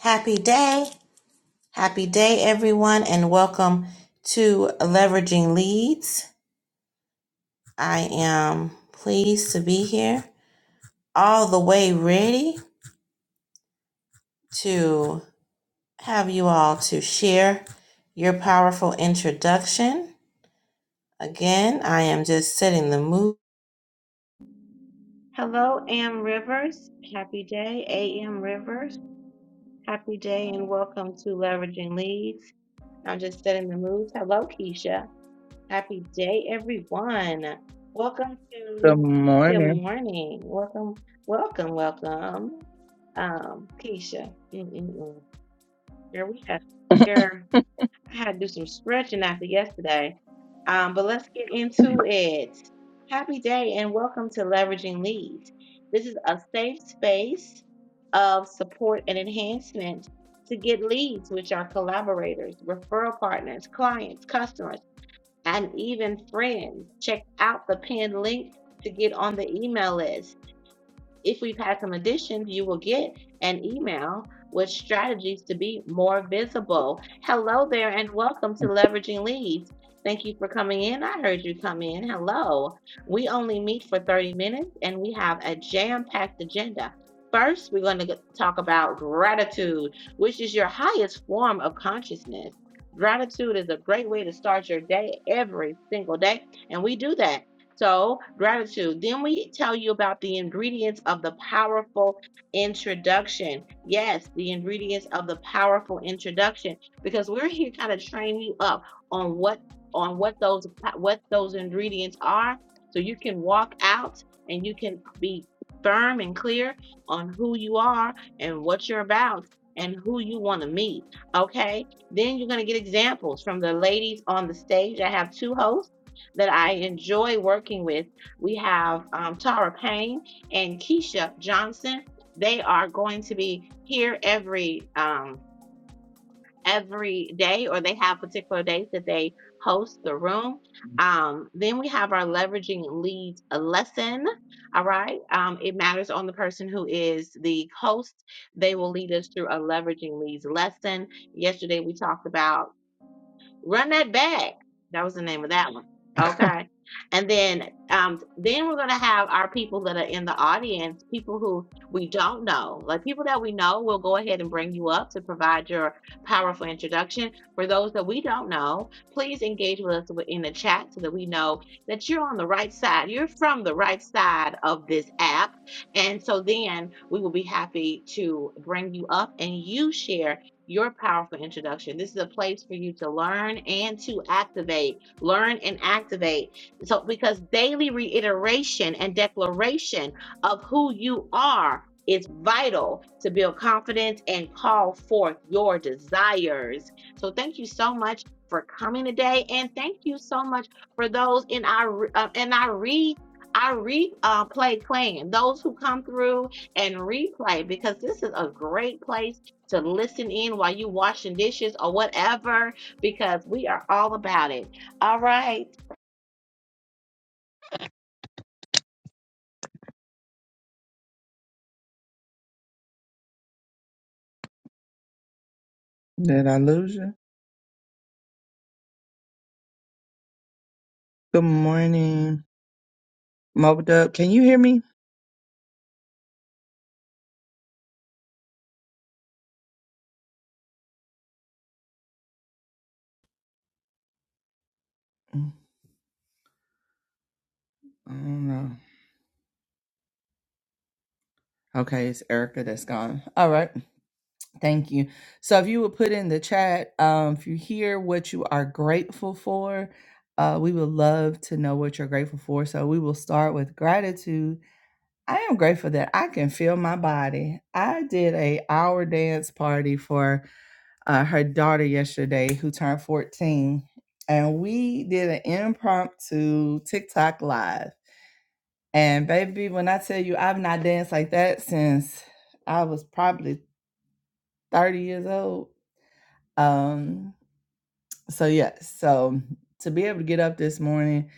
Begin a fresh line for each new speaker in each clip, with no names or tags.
Happy day. Happy day, everyone, and welcome to Leveraging Leads. I am pleased to be here, all the way ready to have you all to share your powerful introduction. Again, I am just setting the mood. Hello, Am Rivers. Happy day, AM Rivers. Happy day, and welcome to Leveraging Leads. I'm just setting the mood. Hello, Keisha. Happy day, everyone. Welcome
Good
to Good
morning.
Morning. Welcome, welcome, welcome. Um, Keisha, Mm-mm-mm. girl, we got girl. I had to do some stretching after yesterday. Um, but let's get into it. Happy day, and welcome to Leveraging Leads. This is a safe space of support and enhancement to get leads, which are collaborators, referral partners, clients, customers and even friends. Check out the pinned link to get on the email list if we've had some additions, you will get an email with strategies to be more visible. Hello there, and welcome to Leveraging Leads. Thank you for coming in. I heard you come in. Hello. We only meet for 30 minutes and we have a jam packed agenda. First, we're going to talk about gratitude, which is your highest form of consciousness. Gratitude is a great way to start your day every single day. And we do that so, gratitude. Then we tell you about the ingredients of the powerful introduction. Yes, the ingredients of the powerful introduction because we're here kind of train you up on what on what those what those ingredients are so you can walk out and you can be firm and clear on who you are and what you're about and who you want to meet. Okay? Then you're going to get examples from the ladies on the stage. I have two hosts that I enjoy working with. We have um, Tara Payne and Keisha Johnson. They are going to be here every um, every day, or they have particular days that they host the room. Um, then we have our leveraging leads lesson. All right, um, it matters on the person who is the host. They will lead us through a leveraging leads lesson. Yesterday we talked about Run that back. That was the name of that one. Okay. And then um then we're gonna have our people that are in the audience, people who we don't know. Like people that we know, we'll go ahead and bring you up to provide your powerful introduction. For those that we don't know, please engage with us in the chat so that we know that you're on the right side. You're from the right side of this app. And so then we will be happy to bring you up and you share your powerful introduction. This is a place for you to learn and to activate, learn and activate. So, because daily reiteration and declaration of who you are is vital to build confidence and call forth your desires. So, thank you so much for coming today, and thank you so much for those in our uh, in our read. our replay uh, play plan, those who come through and replay because this is a great place to listen in while you washing dishes or whatever because we are all about it. All right.
Did I lose you? Good morning. Mob Dub, can you hear me? Mm, I don't know. Okay, it's Erica that's gone. All right. Thank you. So if you would put in the chat, um, if you hear what you are grateful for, uh, we would love to know what you're grateful for. So we will start with gratitude. I am grateful that I can feel my body. I did a hour dance party for uh, her daughter yesterday who turned 14 and we did an impromptu TikTok live. And baby, when I tell you I've not danced like that since I was probably 30 years old. Um so yeah, so to be able to get up this morning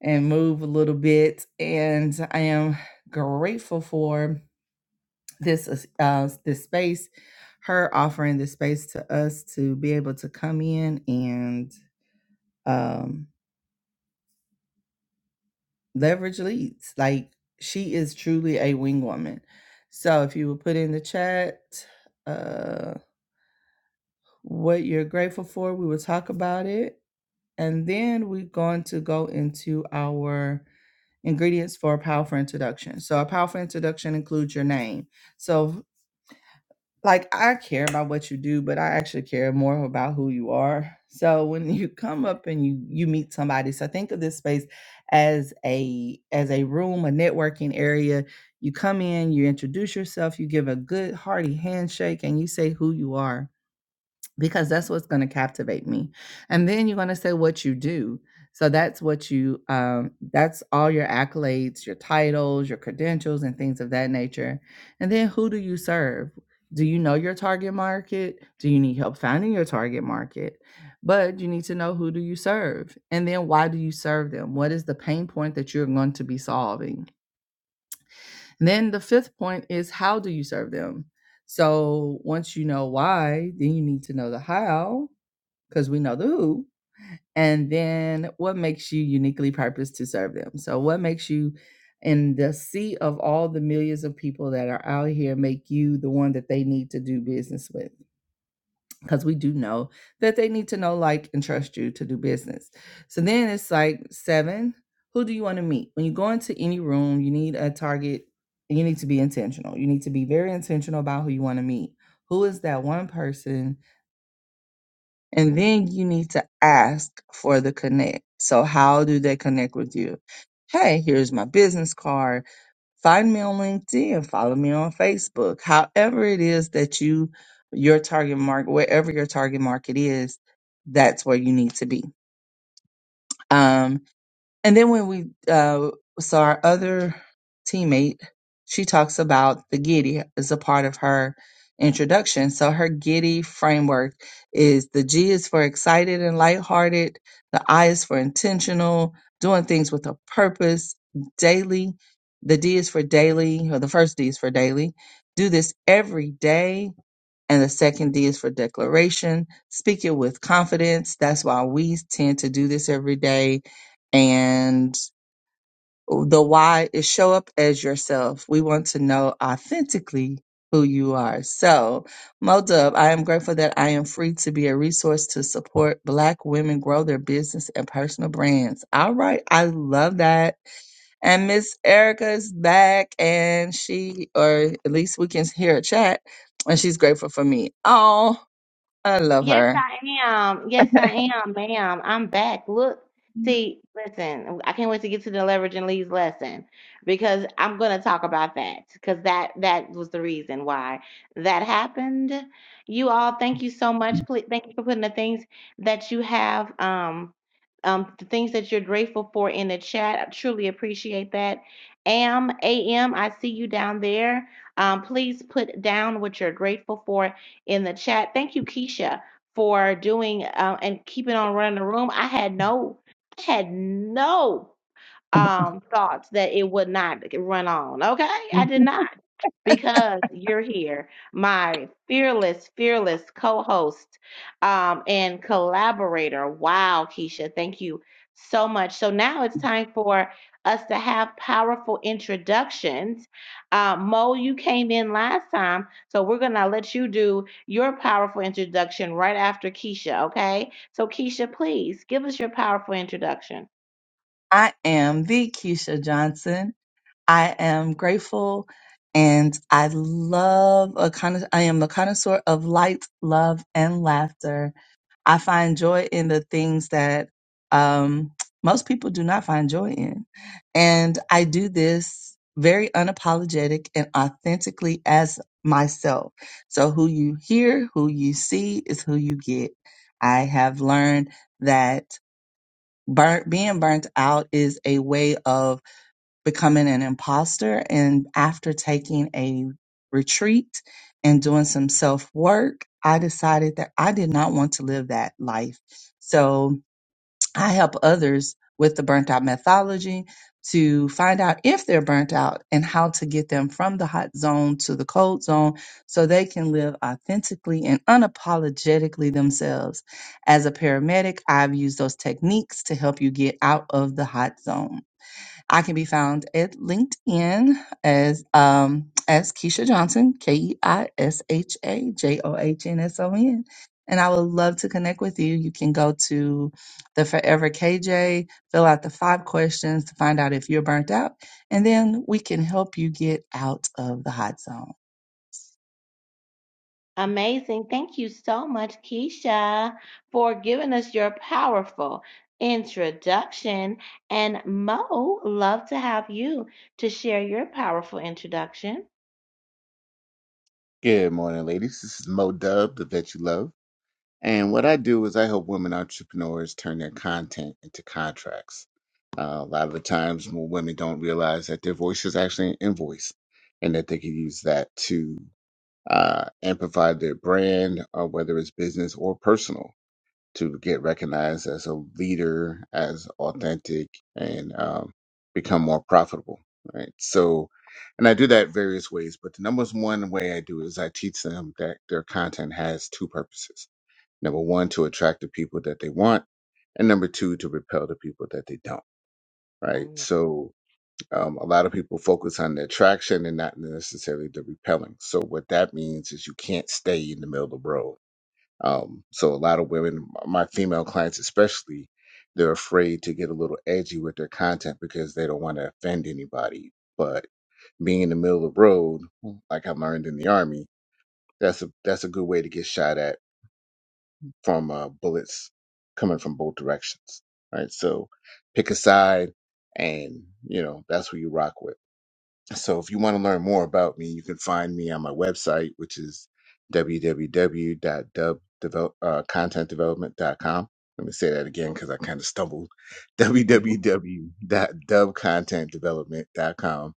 and move a little bit and I am grateful for this uh this space her offering this space to us to be able to come in and um leverage leads. Like she is truly a wing woman. So if you will put in the chat uh what you're grateful for, we will talk about it. And then we're going to go into our ingredients for a powerful introduction. So a powerful introduction includes your name. So like I care about what you do, but I actually care more about who you are. So when you come up and you you meet somebody, so think of this space as a as a room, a networking area. You come in, you introduce yourself, you give a good hearty handshake, and you say who you are because that's what's going to captivate me and then you're going to say what you do so that's what you um, that's all your accolades your titles your credentials and things of that nature and then who do you serve do you know your target market do you need help finding your target market but you need to know who do you serve and then why do you serve them what is the pain point that you're going to be solving and then the fifth point is how do you serve them so once you know why then you need to know the how because we know the who. And then what makes you uniquely purposed to serve them? So, what makes you in the sea of all the millions of people that are out here make you the one that they need to do business with? Because we do know that they need to know, like, and trust you to do business. So then it's like seven, who do you want to meet? When you go into any room, you need a target. You need to be intentional. You need to be very intentional about who you want to meet. Who is that one person and then you need to ask for the connect. So how do they connect with you? Hey, here's my business card. Find me on LinkedIn, follow me on Facebook. However it is that you your target market, wherever your target market is, that's where you need to be. Um, and then when we uh, saw our other teammate, she talks about the Giddy as a part of her introduction. So her Giddy framework is the G is for excited and lighthearted, the I is for intentional, doing things with a purpose, daily. The D is for daily, or the first D is for daily. Do this every day and the second D is for declaration. Speak it with confidence. That's why we tend to do this every day. And the why is show up as yourself. We want to know authentically who you are. So, Modub, I am grateful that I am free to be a resource to support Black women grow their business and personal brands. All right. I love that. And Miss Erica is back and she, or at least we can hear a chat and she's grateful for me. Oh, I love
Yes,
her.
I am. Yes, I am, ma'am. I'm back. Look, see, listen, I can't wait to get to the leverage and leads lesson because I'm going to talk about that because that that was the reason why that happened. You all, thank you so much. Please, thank you for putting the things that you have, um, um, the things that you're grateful for in the chat. I truly appreciate that. Am, a m. I see you down there. Um, please put down what you're grateful for in the chat. Thank you, Keisha for doing uh, and keeping on running the room. I had no, I had no um thoughts that it would not run on. Okay? I did not. Because you're here, my fearless, fearless co-host um and collaborator. Wow, Keisha, thank you so much. So now it's time for us to have powerful introductions. Uh, Mo, you came in last time, so we're gonna let you do your powerful introduction right after Keisha, okay? So Keisha, please give us your powerful introduction.
I am the Keisha Johnson. I am grateful and I love a con- I am a connoisseur of light, love, and laughter. I find joy in the things that um, most people do not find joy in. And I do this very unapologetic and authentically as myself. So who you hear, who you see is who you get. I have learned that burnt, being burnt out is a way of becoming an imposter. And after taking a retreat and doing some self work, I decided that I did not want to live that life. So I help others with the burnt out methodology to find out if they're burnt out and how to get them from the hot zone to the cold zone so they can live authentically and unapologetically themselves. As a paramedic, I've used those techniques to help you get out of the hot zone. I can be found at LinkedIn as um, as Keisha Johnson, K E I S H A J O H N S O N. And I would love to connect with you. You can go to the Forever KJ, fill out the five questions to find out if you're burnt out, and then we can help you get out of the hot zone.
Amazing. Thank you so much, Keisha, for giving us your powerful introduction. And Mo, love to have you to share your powerful introduction.
Good morning, ladies. This is Mo Dub, the vet you love. And what I do is I help women entrepreneurs turn their content into contracts. Uh, a lot of the times, when women don't realize that their voice is actually an invoice and that they can use that to uh, amplify their brand, or whether it's business or personal to get recognized as a leader, as authentic, and um, become more profitable. Right. So, and I do that various ways, but the number one way I do is I teach them that their content has two purposes. Number one, to attract the people that they want, and number two, to repel the people that they don't. Right.
Mm.
So, um, a lot of people focus on the attraction and not necessarily the repelling. So, what that means is you can't stay in the middle of the road um, so a lot of women, my female clients especially, they're afraid to get a little edgy with their content because they don't want to offend anybody. But being in the middle of the road, like I learned in the army, that's a that's a good way to get shot at from uh, bullets coming from both directions. Right. So pick a side, and you know that's who you rock with. So if you want to learn more about me, you can find me on my website, which is w w w dot dub content development dot com. Let me say that again because I kind of stumbled. w w w dot dub content development dot com.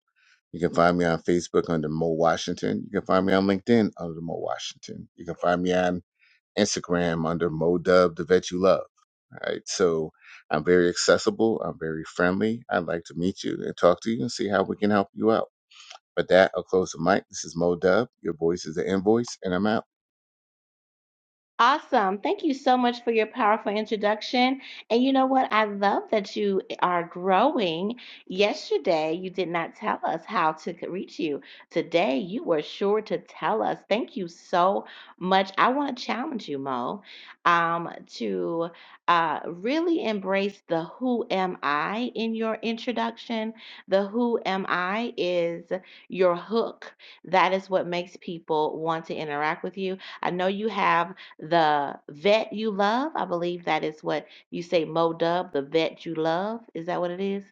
You can find me on Facebook under Mo Washington. You can find me on LinkedIn under Mo Washington. You can find me on Instagram under Mo Dub, the vet you love. All right. So I'm very accessible. I'm very friendly. I'd like to meet you and talk to you and see how we can help you out. But that, I'll close the mic. This is Mo Dub. Your voice is the invoice, and I'm out.
Awesome. Thank you so much for your powerful introduction. And you know what? I love that you are growing. Yesterday, you did not tell us how to c- reach you. Today, you were sure to tell us. Thank you so much. I want to challenge you, Mo, um, to uh, really embrace the who am I in your introduction. The who am I is your hook. That is what makes people want to interact with you. I know you have the vet you love. I believe that is what you say, Mo Dub, the vet you love. Is that what it is?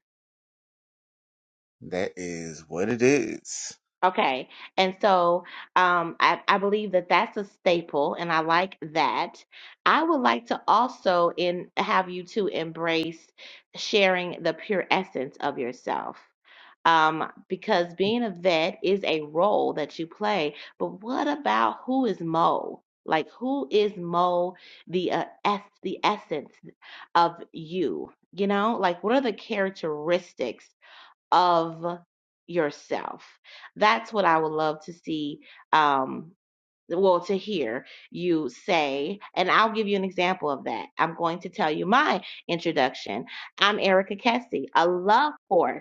That is what it is.
Okay. And so um, I, I believe that that's a staple, and I like that. I would like to also in have you to embrace sharing the pure essence of yourself. um, because being a vet is a role that you play. But what about who is Mo? Like, who is Mo, the uh, es- the essence of you? You know, like, what are the characteristics of yourself? That's what I would love to see. Um, well, to hear you say, and I'll give you an example of that. I'm going to tell you my introduction. I'm Erica Kessie, a love horse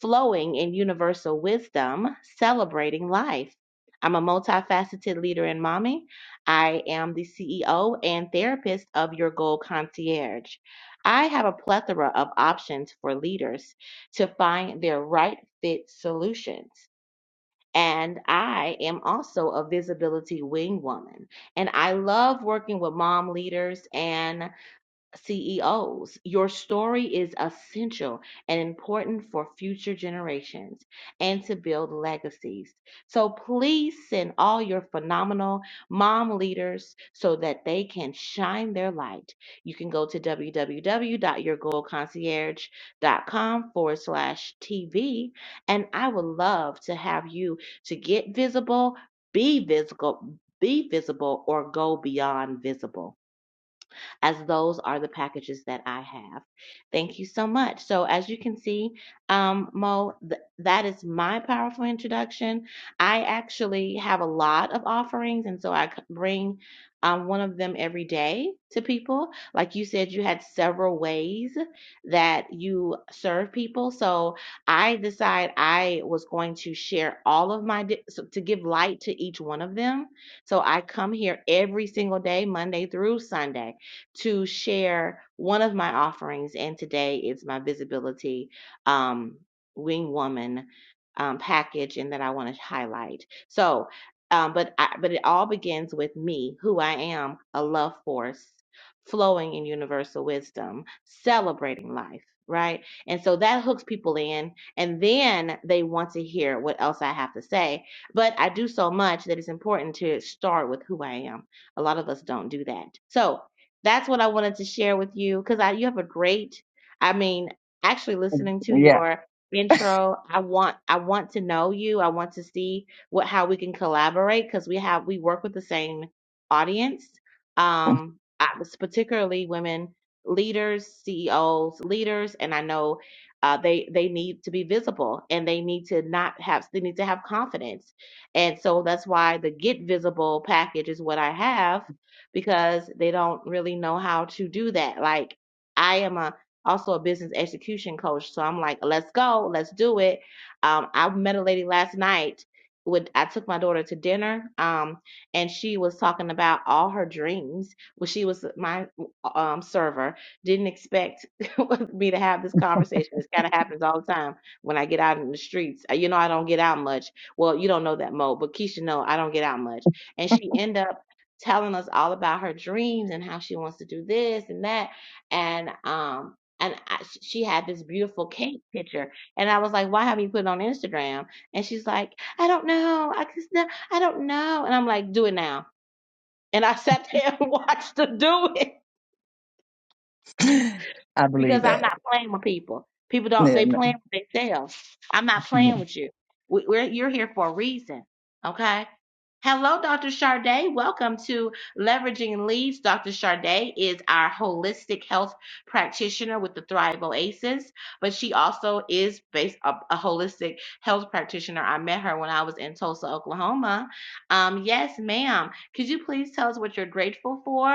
flowing in universal wisdom, celebrating life. I'm a multifaceted leader and mommy. I am the CEO and therapist of Your Goal Concierge. I have a plethora of options for leaders to find their right fit solutions. And I am also a visibility wing woman. And I love working with mom leaders. and. CEOs. Your story is essential and important for future generations and to build legacies. So please send all your phenomenal mom leaders so that they can shine their light. You can go to www.yourgoalconcierge.com forward slash TV. And I would love to have you to get visible, be visible, be visible, or go beyond visible as those are the packages that I have. Thank you so much. So, as you can see, um, Mo, th- that is my powerful introduction. I actually have a lot of offerings, and so I bring um, one of them every day to people. Like you said, you had several ways that you serve people. So, I decide I was going to share all of my so to give light to each one of them. So I come here every single day, Monday through Sunday to share one of my offerings, and today is my visibility um, wing woman um, package, and that I want to highlight. So, um, but I, but it all begins with me, who I am, a love force flowing in universal wisdom, celebrating life, right? And so that hooks people in, and then they want to hear what else I have to say. But I do so much that it's important to start with who I am. A lot of us don't do that. So that's what I wanted to share with you because I you have a great, I mean, actually listening to
Yeah.
your intro, I want I want to know you. I want to see what how we can collaborate because we have we work with the same audience. Um, I was particularly women leaders, CEOs, leaders, and I know uh, they they need to be visible and they need to not have they need to have confidence, and so that's why the get visible package is what I have because they don't really know how to do that. Like I am a also a business execution coach, so I'm like, let's go, let's do it. Um, I met a lady last night. With I took my daughter to dinner, um, and she was talking about all her dreams. Well, she was my um server. Didn't expect me to have this conversation. This kind of happens all the time when I get out in the streets. Uh, You know, I don't get out much. Well, you don't know that Mo, but Keisha know I don't get out much. And she ended up telling us all about her dreams and how she wants to do this and that and um and I, she had this beautiful cake picture and i was like why haven't you put it on instagram and she's like i don't know i just no, i don't know and i'm like do it now and i sat there and watched her do it
I believe
because i'm
that.
not playing with people people don't
Yeah,
they
no.
playing with themselves i'm not
yeah,
playing with you we, we're, you're here for a reason okay Hello, Dr. Charday. Welcome to Leveraging Leads. Dr. Charday is our holistic health practitioner with the Thrive Oasis, but she also is based a, a holistic health practitioner. I met her when I was in Tulsa, Oklahoma. Um, yes, ma'am. Could you please tell us what you're grateful for?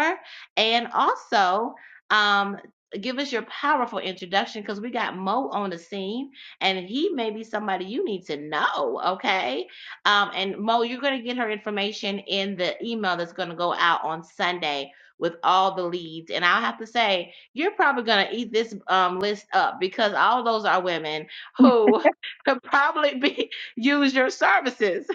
And also, um, give us your powerful introduction because we got Mo on the scene and he may be somebody you need to know, okay? Um, and Mo, you're going to get her information in the email that's going to go out on Sunday with all the leads. And I'll have to say, you're probably going to eat this um, list up because all those are women who could probably be use your services.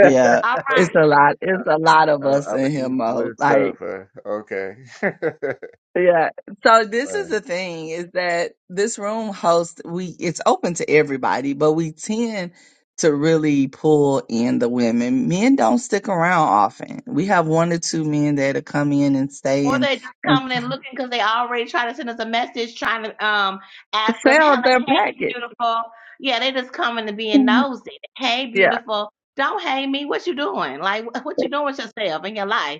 Yeah,
All right.
it's a lot.
Uh,
It's a lot of
Oh,
us
I would
in here,
eat
Mo.
blue stuff.
Like,
Huh? Okay. Wait.
yeah. So this is the thing: is that this room host we it's open to everybody, but we tend to really pull in the women. Men don't stick around often. We have one or two men that'll come in and
Or
stay and
they're just
and
coming and looking because they already try to send us a message trying to um, ask us,
sell
"Hella-
their
hey,
package.
beautiful. Yeah, they just coming to being nosy. Hey,
yeah.
beautiful. Don't hate me. What you doing? Like, wh- what you doing with yourself in your life?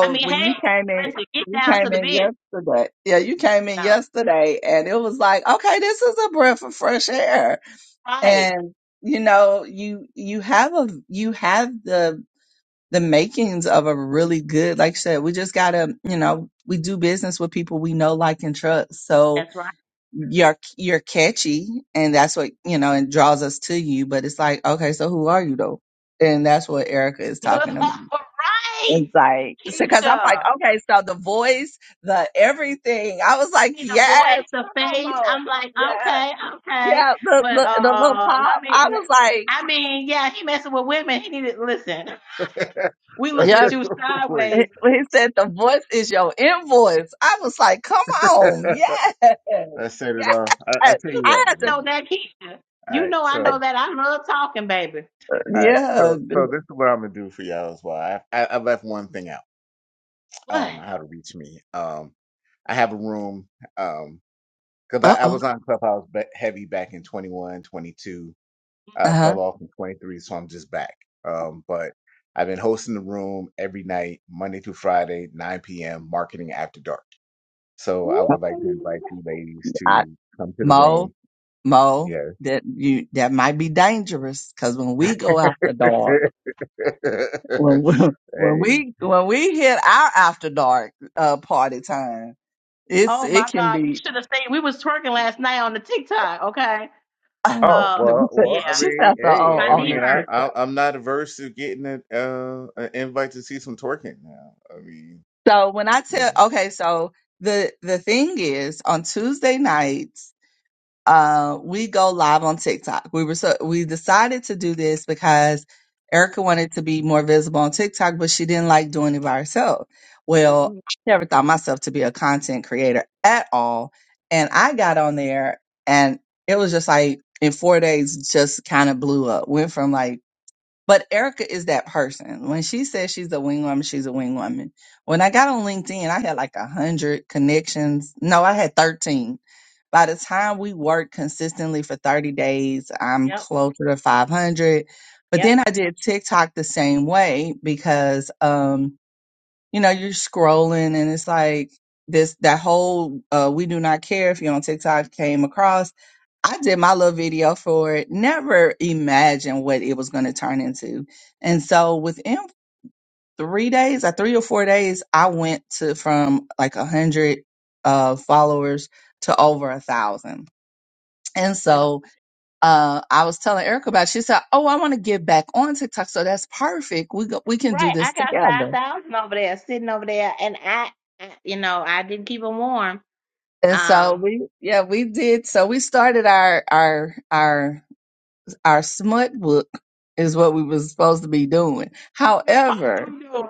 I mean,
when
hey,
you came in,
listen, get
you
down to
came
the
in
business
yesterday. Yeah, you came in
now.
yesterday and it was like, okay, this is a breath of fresh air.
Right.
And you know, you you have a you have the the makings of a really good, like I said, we just gotta, you know, we do business with people we know, like and trust. So
That's right.
you're you're catchy and that's what, you know, and draws us to you. But it's like, okay, so who are you though? And that's what Erica is talking about.
right.
It's like, because I'm like,
Keisha.
okay, so the voice, the everything. I was like,
See the
yes,
voice, the
come on,
face.
Mo.
I'm like,
Yeah,
okay, okay.
yeah, the,
But
the, the little
uh let
pop.
me
I was like,
I mean, yeah, he messing with women. He needed listen. We looking
yeah,
at you
Wait.
he
sideways.
he said the voice is your invoice. I was like, come on, yes, yes.
Let's set it off. I, I tell
You
you what.
I had to,
know I know that Keisha.
All
You
right.
know I know
So,
that. I love talking, baby.
all right.
yeah.
So, so this is what I'm gonna do for y'all as well. I, I, I left one thing out.
What?
Um, how to reach me. Um, I have a room. Um, because I,
Uh
I
oh.
was on Clubhouse ba- heavy back in 21, 22 I
Uh
fell off in 23, so I'm just back. Um, but I've been hosting the room every night, Monday through Friday, 9 p.m., marketing after dark. So I
huh.
would like to invite you ladies
I,
to come to the
Mo,
room.
Mo,
Yes.
that you, that might be dangerous because when we go after dogs.
hey.
when we, when we when we hit our after dark uh party time, it's
Oh my
it can
God. You
be.
should have seen we was twerking last night on the TikTok, okay?
Oh
Um,
well, well.
yeah.
I
she
mean,
sounds so
hey.
old
My
I
on
knee
mean,
the
I,
hurt.
I
TikTok.
I'm not averse to getting a, uh, an invite to see some twerking. Now, I mean,
So when I
you
tell,
know.
okay, so the the thing is on Tuesday nights. uh, we go live on TikTok. We were so we decided to do this because Erica wanted to be more visible on TikTok, but she didn't like doing it by herself. Well,
hmm
I never thought myself to be a content creator at all, and I got on there, and it was just like in four days, just kind of blew up. Went from like, but Erica is that person. When she says she's a wing woman, she's a wing woman. When I got on LinkedIn, I had like a hundred connections. No, I had thirteen by the time we worked consistently for 30 days, I'm
Yep,
closer to 500. But
yep,
then I did TikTok the same way because, um, you know, you're scrolling and it's like this, that whole, uh, we do not care if you're on TikTok came across. I did my little video for it. Never imagined what it was going to turn into. And so within three days, or three or four days, I went to from like a hundred, uh, followers to over a thousand and
yep.
so uh, I was telling Erica about. It. She said, "Oh, I want to get back on TikTok, so that's perfect. We go, we can do
Right. I
this
got five
together."
thousand over there, sitting over there, and I, I you know, I didn't keep them warm.
And so
Um,
we, yeah, we did. So we started our our our our smut book is what we were supposed to be doing.
it's possible
However,
doing.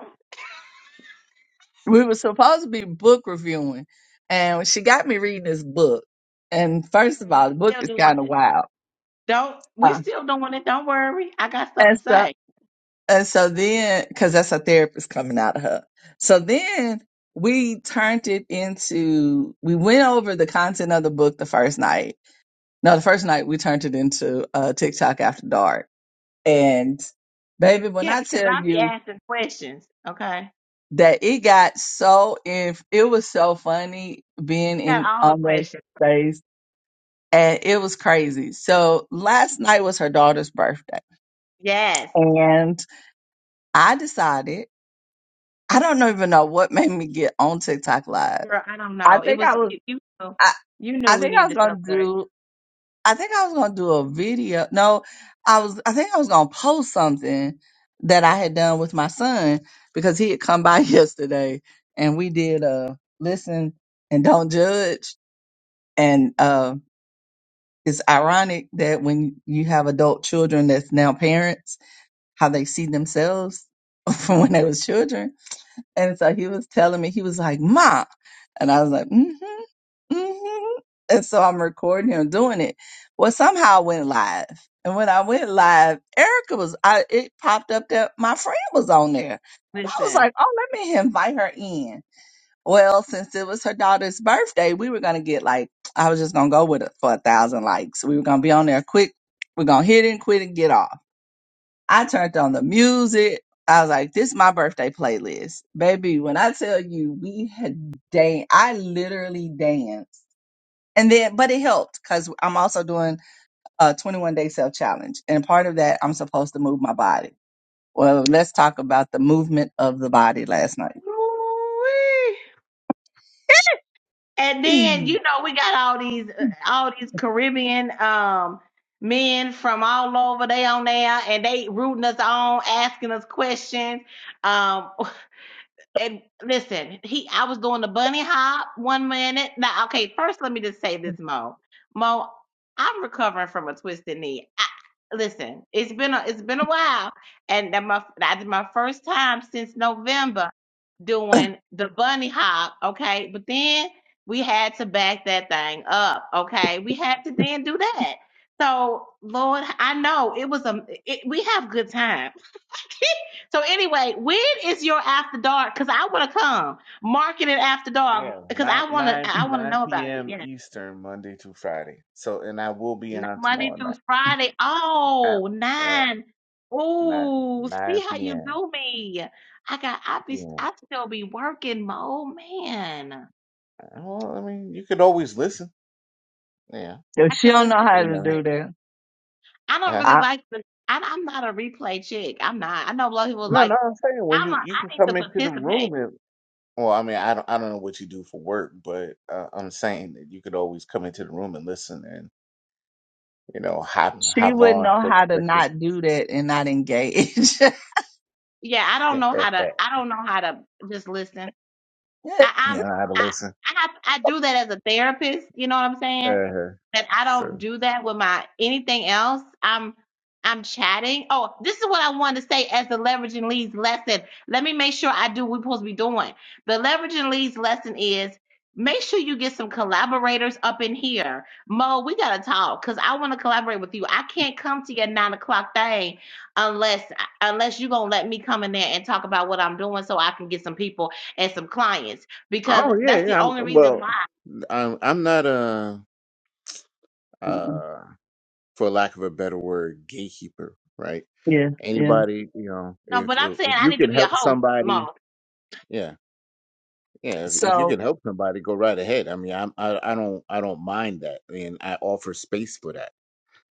we were supposed to be book reviewing, and she got me reading this book. And first of
We
all, the book
still
is
doing
kind of
it.
wild.
Don't we
Uh,
still doing it? Don't worry. I got stuff
and
to
so
say.
And so then, because that's a therapist coming out of her. So then we turned it into, we went over the content of the book the first night. No, the first night we turned it into uh, TikTok After Dark. And baby, when
Yeah,
I
because
tell
I be
you
asking questions. Okay,
that it got so, if it was so funny being
got
in
all the
on that
questions.
space and it was crazy. So last night was her daughter's birthday
Yes,
and I decided. I don't even know what made me get on TikTok live.
girl. I don't
I
know. It
think
was
I was
you. You know,
I,
you knew
I
we
think I was
needed to
gonna
celebrate.
do I think I was gonna do a video. No, I was I think I was gonna post something that I had done with my son because he had come by yesterday and we did a listen and don't judge. And uh it's ironic that when you have adult children that's now parents, how they see themselves from when they was children And so he was telling me, he was like, Ma. And I was like, mm-hmm, mm-hmm. And so I'm recording him doing it. Well, somehow I went live. And when I went live, Erica was, I it popped up that my friend was on there. And I was
Listen.
like, oh, let me invite her in. Well, since it was her daughter's birthday, we were going to get like, I was just going to go with it for a thousand likes. We were going to be on there quick. We're going to hit it and quit and get off. I turned on the music. I was like, this is my birthday playlist. Baby, when I tell you we had dan I literally danced. And then but it helped because I'm also doing a 21 day self challenge. And part of that I'm supposed to move my body. Well, let's talk about the movement of the body last night.
Woo-wee. And then you know we got all these uh, all these Caribbean um men from all over they on there and they rooting us on, asking us questions. Um and listen, he I was doing the bunny hop one minute. Now okay, first let me just say this, Mo. Mo, I'm recovering from a twisted knee. I, listen, it's been a it's been a while and that my that's my first time since November doing the bunny hop, okay? But then we had to back that thing up, okay? We had to then do that. So, Lord, I know it was a it, we have good time. so anyway, when is your after dark? Cause I want to come market it after dark
Yeah,
because
nine
I want to
nine
I want to
nine
know about it.
p.m.
Yeah,
Eastern, Monday through Friday. So, and I will be
N-
on
Monday
tomorrow night.
through Friday.
at
Oh,
at
nine.
nine
Ooh, see
nine
how you
p.m.
do me. I got I be
Yeah.
I still be working, Mo man.
Well, I mean, you could always listen. Yeah,
If
I
she
can
don't
listen
know how
you
to
in.
know.
do
Like,
that,
I don't
Uh,
really
I,
like the. I, I'm not a replay chick. I'm not. I know a lot of people
no,
like.
no, I'm saying when
I'm. A,
you you can
I need to
come into the
participate.
room and well, I mean, I don't I don't know what you do for work, but uh, I'm saying that you could always come into the room and listen and you know hop
she
hop
wouldn't
on
know
for
how to
a second.
not do that and not engage.
Yeah, I don't know how to. I don't know how to just listen. I,
you
I'm
know how to
I,
listen.
I I do that as a therapist. You know what I'm saying?
Uh,
That I don't
so
do that with my anything else. I'm I'm chatting. Oh, this is what I wanted to say as the leveraging leads lesson. Let me make sure I do what we're supposed to be doing. The leveraging leads lesson is make sure you get some collaborators up in here. Mo, we gotta talk because I want to collaborate with you. I can't come to your nine o'clock thing unless unless you're gonna let me come in there and talk about what I'm doing so I can get some people and some clients because
oh yeah,
that's the
yeah. I'm,
only reason
well,
why.
I'm I'm not a uh for lack of a better word gatekeeper, right?
yeah, yeah.
Anybody, you know,
No,
if
but I'm
if
saying
if
I
you
need to
can
be a
help
host,
somebody,
Mo.
yeah, yeah. If if you
So
can help somebody, go right ahead. I mean, I'm I, I don't I don't mind that, and I offer space for that.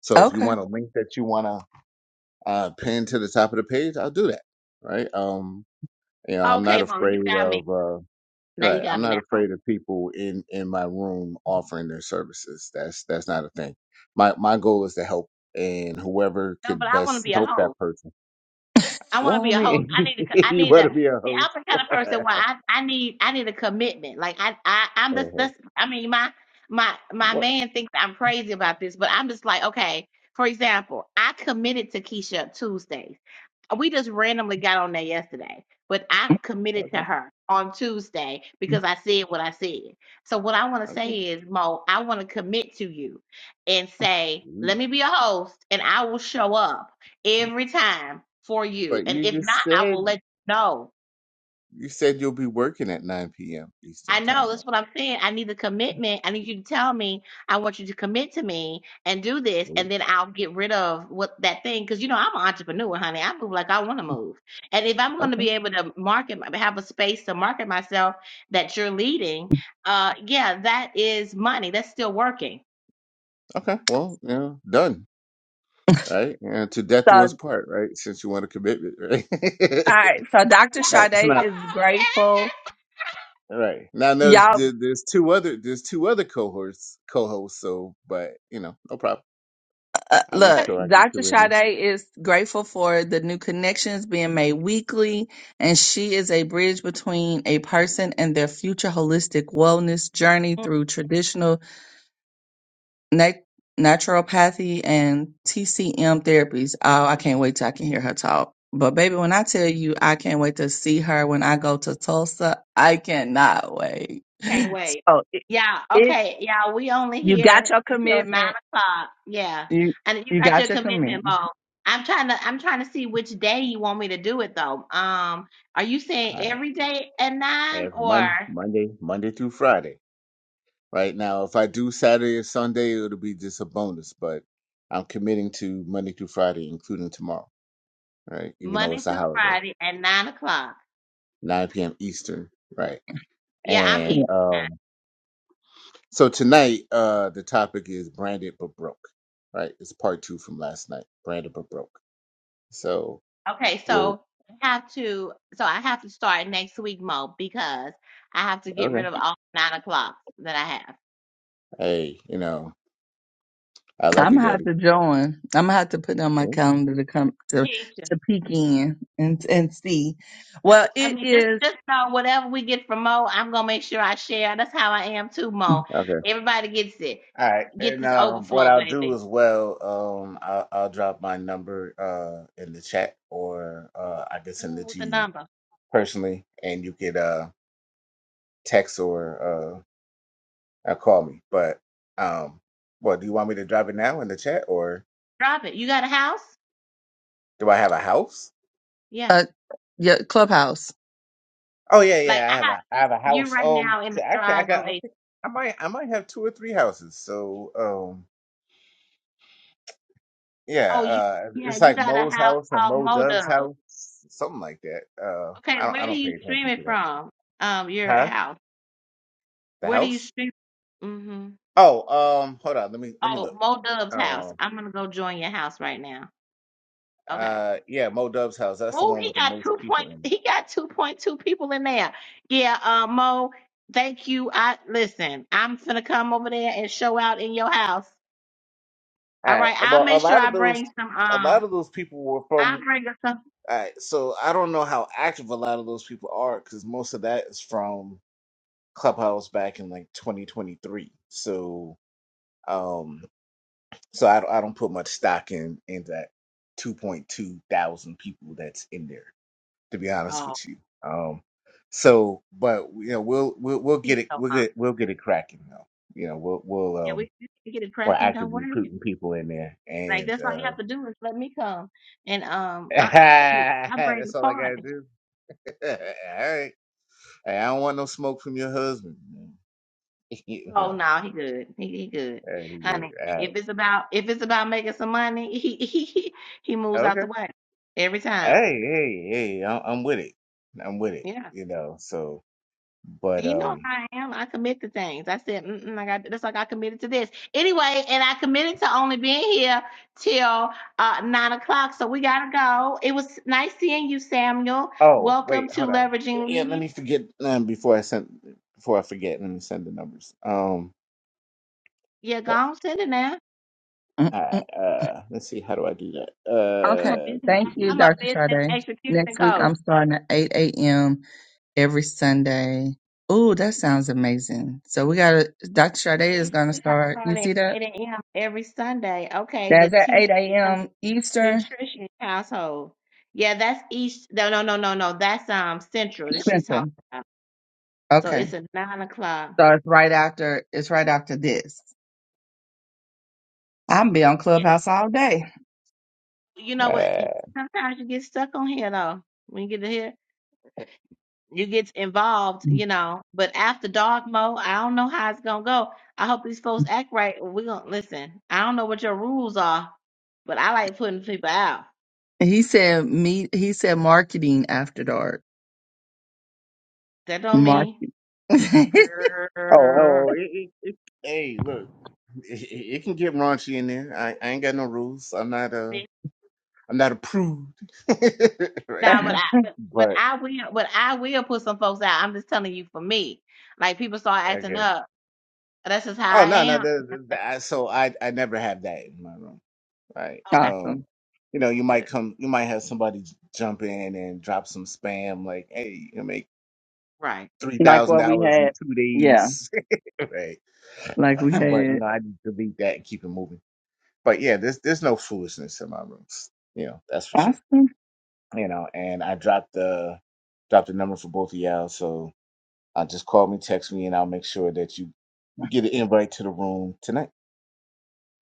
So if you
okay.
want a link that you want to uh, pin to the top of the page, I'll do that. Right? Um, you know, I'm
Okay,
not
Mo, you
afraid
got me.
of uh,
Now you
right.
got
I'm
me
not
now. Mo.
afraid of people in in my room offering their services. That's that's not a thing. My my goal is to help, and whoever
No, but
could
I want to
best
be a
help
host.
that person
I want to
Well,
be
I
a host. I
mean,
need to. co- I
you
need
better
to.
be a
See, I'm
host.
the kind of person where
uh-huh.
I, I need I need a commitment. Like I I I'm just that's I mean my my my
Well,
man thinks I'm crazy about this, but I'm just like okay. For example, I committed to Keisha Tuesdays. we just randomly got on there yesterday, but I committed to
okay,
her on Tuesday because I said what I said. So what I want to
okay.
say is, Mo, I want to commit to you and say,
Mm.
let me be a host, and I will show up
yeah.
every time for you.
But
And
you
if not,
just
I
said
will let you know.
you said you'll be working at 9 p.m.
I
Eastern
know
time.
that's what I'm saying. I need the commitment. I need you to tell me. I want you to commit to me and do this,
Mm.
and then I'll get rid of what that thing. Because you know I'm an entrepreneur, honey. I move like I want to move, and if I'm going
Okay.
to be able to market, have a space to market myself that you're leading, uh, yeah, that is money. That's still working.
Okay. Well, you know, done. Right? And to death to us part, right? Since you want a commitment, right?
All right, so Dr.
Yes.
right. It's
Sade
Oh,
not
is
yes.
grateful.
right. Now There's
Y'all,
there, there's two other there's two other cohorts co-hosts, so but you know, no problem.
uh,
I'll make
look,
Okay.
sure I get you
Dr.
with me.
Sade is grateful for the new connections being made weekly, and she is a bridge between a person and their future holistic wellness journey through traditional na- naturopathy and TCM therapies. Oh, I can't wait till I can hear her talk. But baby, when I tell you I can't wait to see her when I go to Tulsa, I cannot wait.
Can't wait.
So
Yeah, okay. Yeah, we only
You got
here
your
until nine
commitment.
o'clock. Yeah.
You
And you
you
got your
got your
commitment,
commitment.
Mo. I'm trying to I'm trying to see which day you want me to do it though. Um, are you saying
I
every day at nine
have
or
Monday Monday Monday through Friday. right now. If I do Saturday or Sunday, it'll be just a bonus, but I'm committing to Monday through Friday, including tomorrow, right? Even though
Monday
it's a
through
holiday,
Friday at nine o'clock?
9 p.m. Eastern, right?
Yeah, I'm
And
easy.
Yeah.
um, so tonight, uh, the topic is branded but broke, right? It's part two from last night, branded but broke. So
Okay,
we'll,
so I have to so I have to start next week, Mo, because I have to get rid
okay.
of all nine o'clocks that I
Hey, you know, I love
I'm
you,
gonna have
baby.
to join. I'm gonna have to put on my
Mm,
calendar to come to
have.
to peek in and and see. Well,
I
it
mean, just
is
just know whatever we get from Mo, I'm gonna make sure I share. That's how I am too, Mo.
Okay.
Everybody gets it.
All right,
Get
and
this
uh, what
overflow,
I'll do
baby.
as well, um, I'll, I'll drop my number uh, in the chat, or uh, I can
Come
send it
with
to
the
you
number.
personally, and you could uh, text or uh, uh, call me. But um, well, do you want me to drop it now in the chat, or
Drop it. You got a house?
do I have a house?
Yeah.
a yeah, clubhouse.
Oh yeah,
Like
yeah, I have
I have
a I have a
you
house.
right
Um,
now in the
so actually, I
thrive
got
of
I,
a
think I might I might have two or three houses. So um, Yeah,
oh you
uh,
yeah,
it's
you
like
got a
Mo's
house
house and
called
Mo
Mo
Dove's
Dub.
house, something like that. Uh, I
Okay,
don't, I
where do
don't
you
pay
stream
attention
it
to that.
from? Um, your
Huh?
house.
The
Where do you
house?
stream? Mm-hmm.
Oh, um, hold on. Let me, let me look.
Oh, Mo Dub's house.
Um,
I'm gonna go join your house right now. Okay.
uh, yeah, Mo Dove's house. That's the
Mo,
one
he
with the
got
most
two
people
point.
in.
He got two point two people in there. Yeah, uh, Mo, thank you. I listen. I'm gonna come over there and show out in your house.
it. All
All
right.
right, I'll
Well, a
make sure
lot
I
of those,
bring some.
a
Um,
lot of those people were from.
I'll bring us some.
All right. So I don't know how active a lot of those people are because most of that is from Clubhouse back in like 2023. So. um. So I don't, I don't put much stock in in that 2.2 thousand people that's in there, to be honest
Oh,
with you. Um, so, but you know, we'll we'll we'll
he's
get it
so
we'll
hot.
get we'll get it cracking though. You know, we'll we'll
Yeah,
um
we, we can get it
we're
cracking. Don't
actively
worry.
recruiting people in there,
Like
and
that's all you
uh
have to do is let me come, and um, I I, I mean, I bring the
that's all I gotta
party.
do. all right, Hey, I don't want no smoke from your husband. man. you
Oh
know,
no, he good. He, he good,
hey,
honey.
yeah,
If it's about if it's about making some money, he he he, he
all
moves
right,
out the
okay,
way every time.
hey, hey, hey, I'm I'm with it. I'm with it.
Yeah.
You know, so but
He know
um
how I am. I commit to things. I said, Mm-mm, I got that's like I committed to this anyway, and I committed to only being here till uh nine o'clock. So we gotta go. It was nice seeing you, Samuel.
Oh, wait,
Welcome to
hold on. Yeah,
Leveraging
let
Lead.
me forget um, before I send before I forget. Let me send the numbers. Um,
Yeah, go
Well,
on, send it now.
all right, uh, let's see. How do I do that?
I'm
Okay.
a
Uh,
business.
do, do,
Thank you,
I'm a
do.
Dr.
business
Sade.
execution
Next week,
coach.
I'm starting at 8 a.m. every Sunday. Ooh, that sounds amazing. So we got to, Dr. Sade is
Next
going to
week I
start. You
start at
see that?
8 a.m. every Sunday. Okay, the
That's at
TC
8 a.m. Eastern
Nutrition Household. Yeah, that's East. No, no, no, no, no. That's um Central that she's talking
Central.
about. So
Okay.
it's a nine o'clock.
So it's right after, it's right after this. I'm be on
Yeah,
Clubhouse all day.
You know what? y-
uh
Sometimes you get stuck on here though. When you get to here, you get involved, you know. But after dark mode, I don't know how it's gonna go. I hope these folks act right. We're gonna listen. I don't know what your rules are, but I like putting people out.
He said me, he said marketing after dark.
That don't
Mark.
mean
oh,
girl.
oh, it, it, it, hey, look, it, it it can get raunchy in there. I, I ain't got no rules. I'm not a
See?
I'm not a prude, right?
Nah, but I but, but
But
I will but I will put some folks out. I'm just telling you for me. Like people start acting
okay.
up. That's just how
Oh
I
no, no.
am.
The, the, the, I, so I I never have that in my room. right?
Okay,
Um,
awesome.
you know, you
good.
might come, you might have somebody j- jump in and drop some spam, like, "Hey, you can make
Right.
three
Like
thousand
what we
dollars in
had.
two
Yeah.
days," right?
Like we
but you
had.
know, I just delete that and keep it moving. But yeah, there's there's no foolishness in my rooms, you know, that's for sure.
Awesome.
You know, and I dropped the dropped the number for both of y'all, so uh, just call me, text me, and I'll make sure that you get an invite to the room tonight.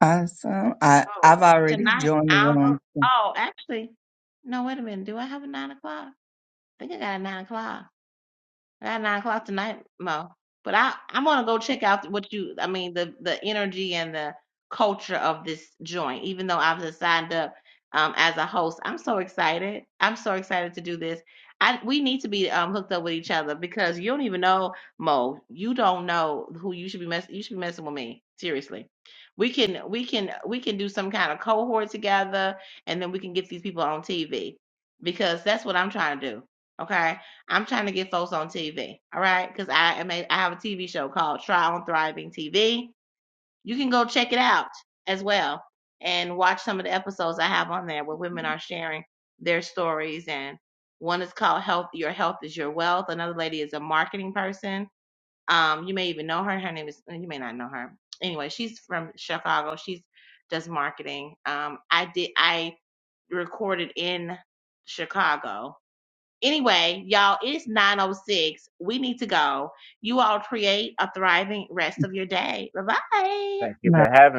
Awesome. I,
Oh,
I've already
tonight
joined the
I don't know.
room. so
Oh, actually, no. Wait a minute. Do I have a nine o'clock? I think I got a nine o'clock. At nine o'clock tonight, Mo. But I, I'm gonna go check out what you, I mean, the the energy and the culture of this joint. Even though I've just signed up um, as a host, I'm so excited. I'm so excited to do this. I we need to be um, hooked up with each other because you don't even know Mo. You don't know who you should be messing. You should be messing with me. Seriously, we can we can we can do some kind of cohort together, and then we can get these people on TV because that's what I'm trying to do. Okay I'm trying to get folks on TV, all right? Because I am a, I have a TV show called Try on Thriving TV. You can go check it out as well and watch some of the episodes I have on there where women are sharing their stories. And one is called Health Your Health is Your Wealth. Another lady is a marketing person. Um, you may even know her. Her name is you may not know her. Anyway, she's from Chicago. She's does marketing. Um, I did I recorded in Chicago Anyway, y'all, it's 906. We need to go. You all create a thriving rest of your day. Bye-bye.
Thank you for having. me.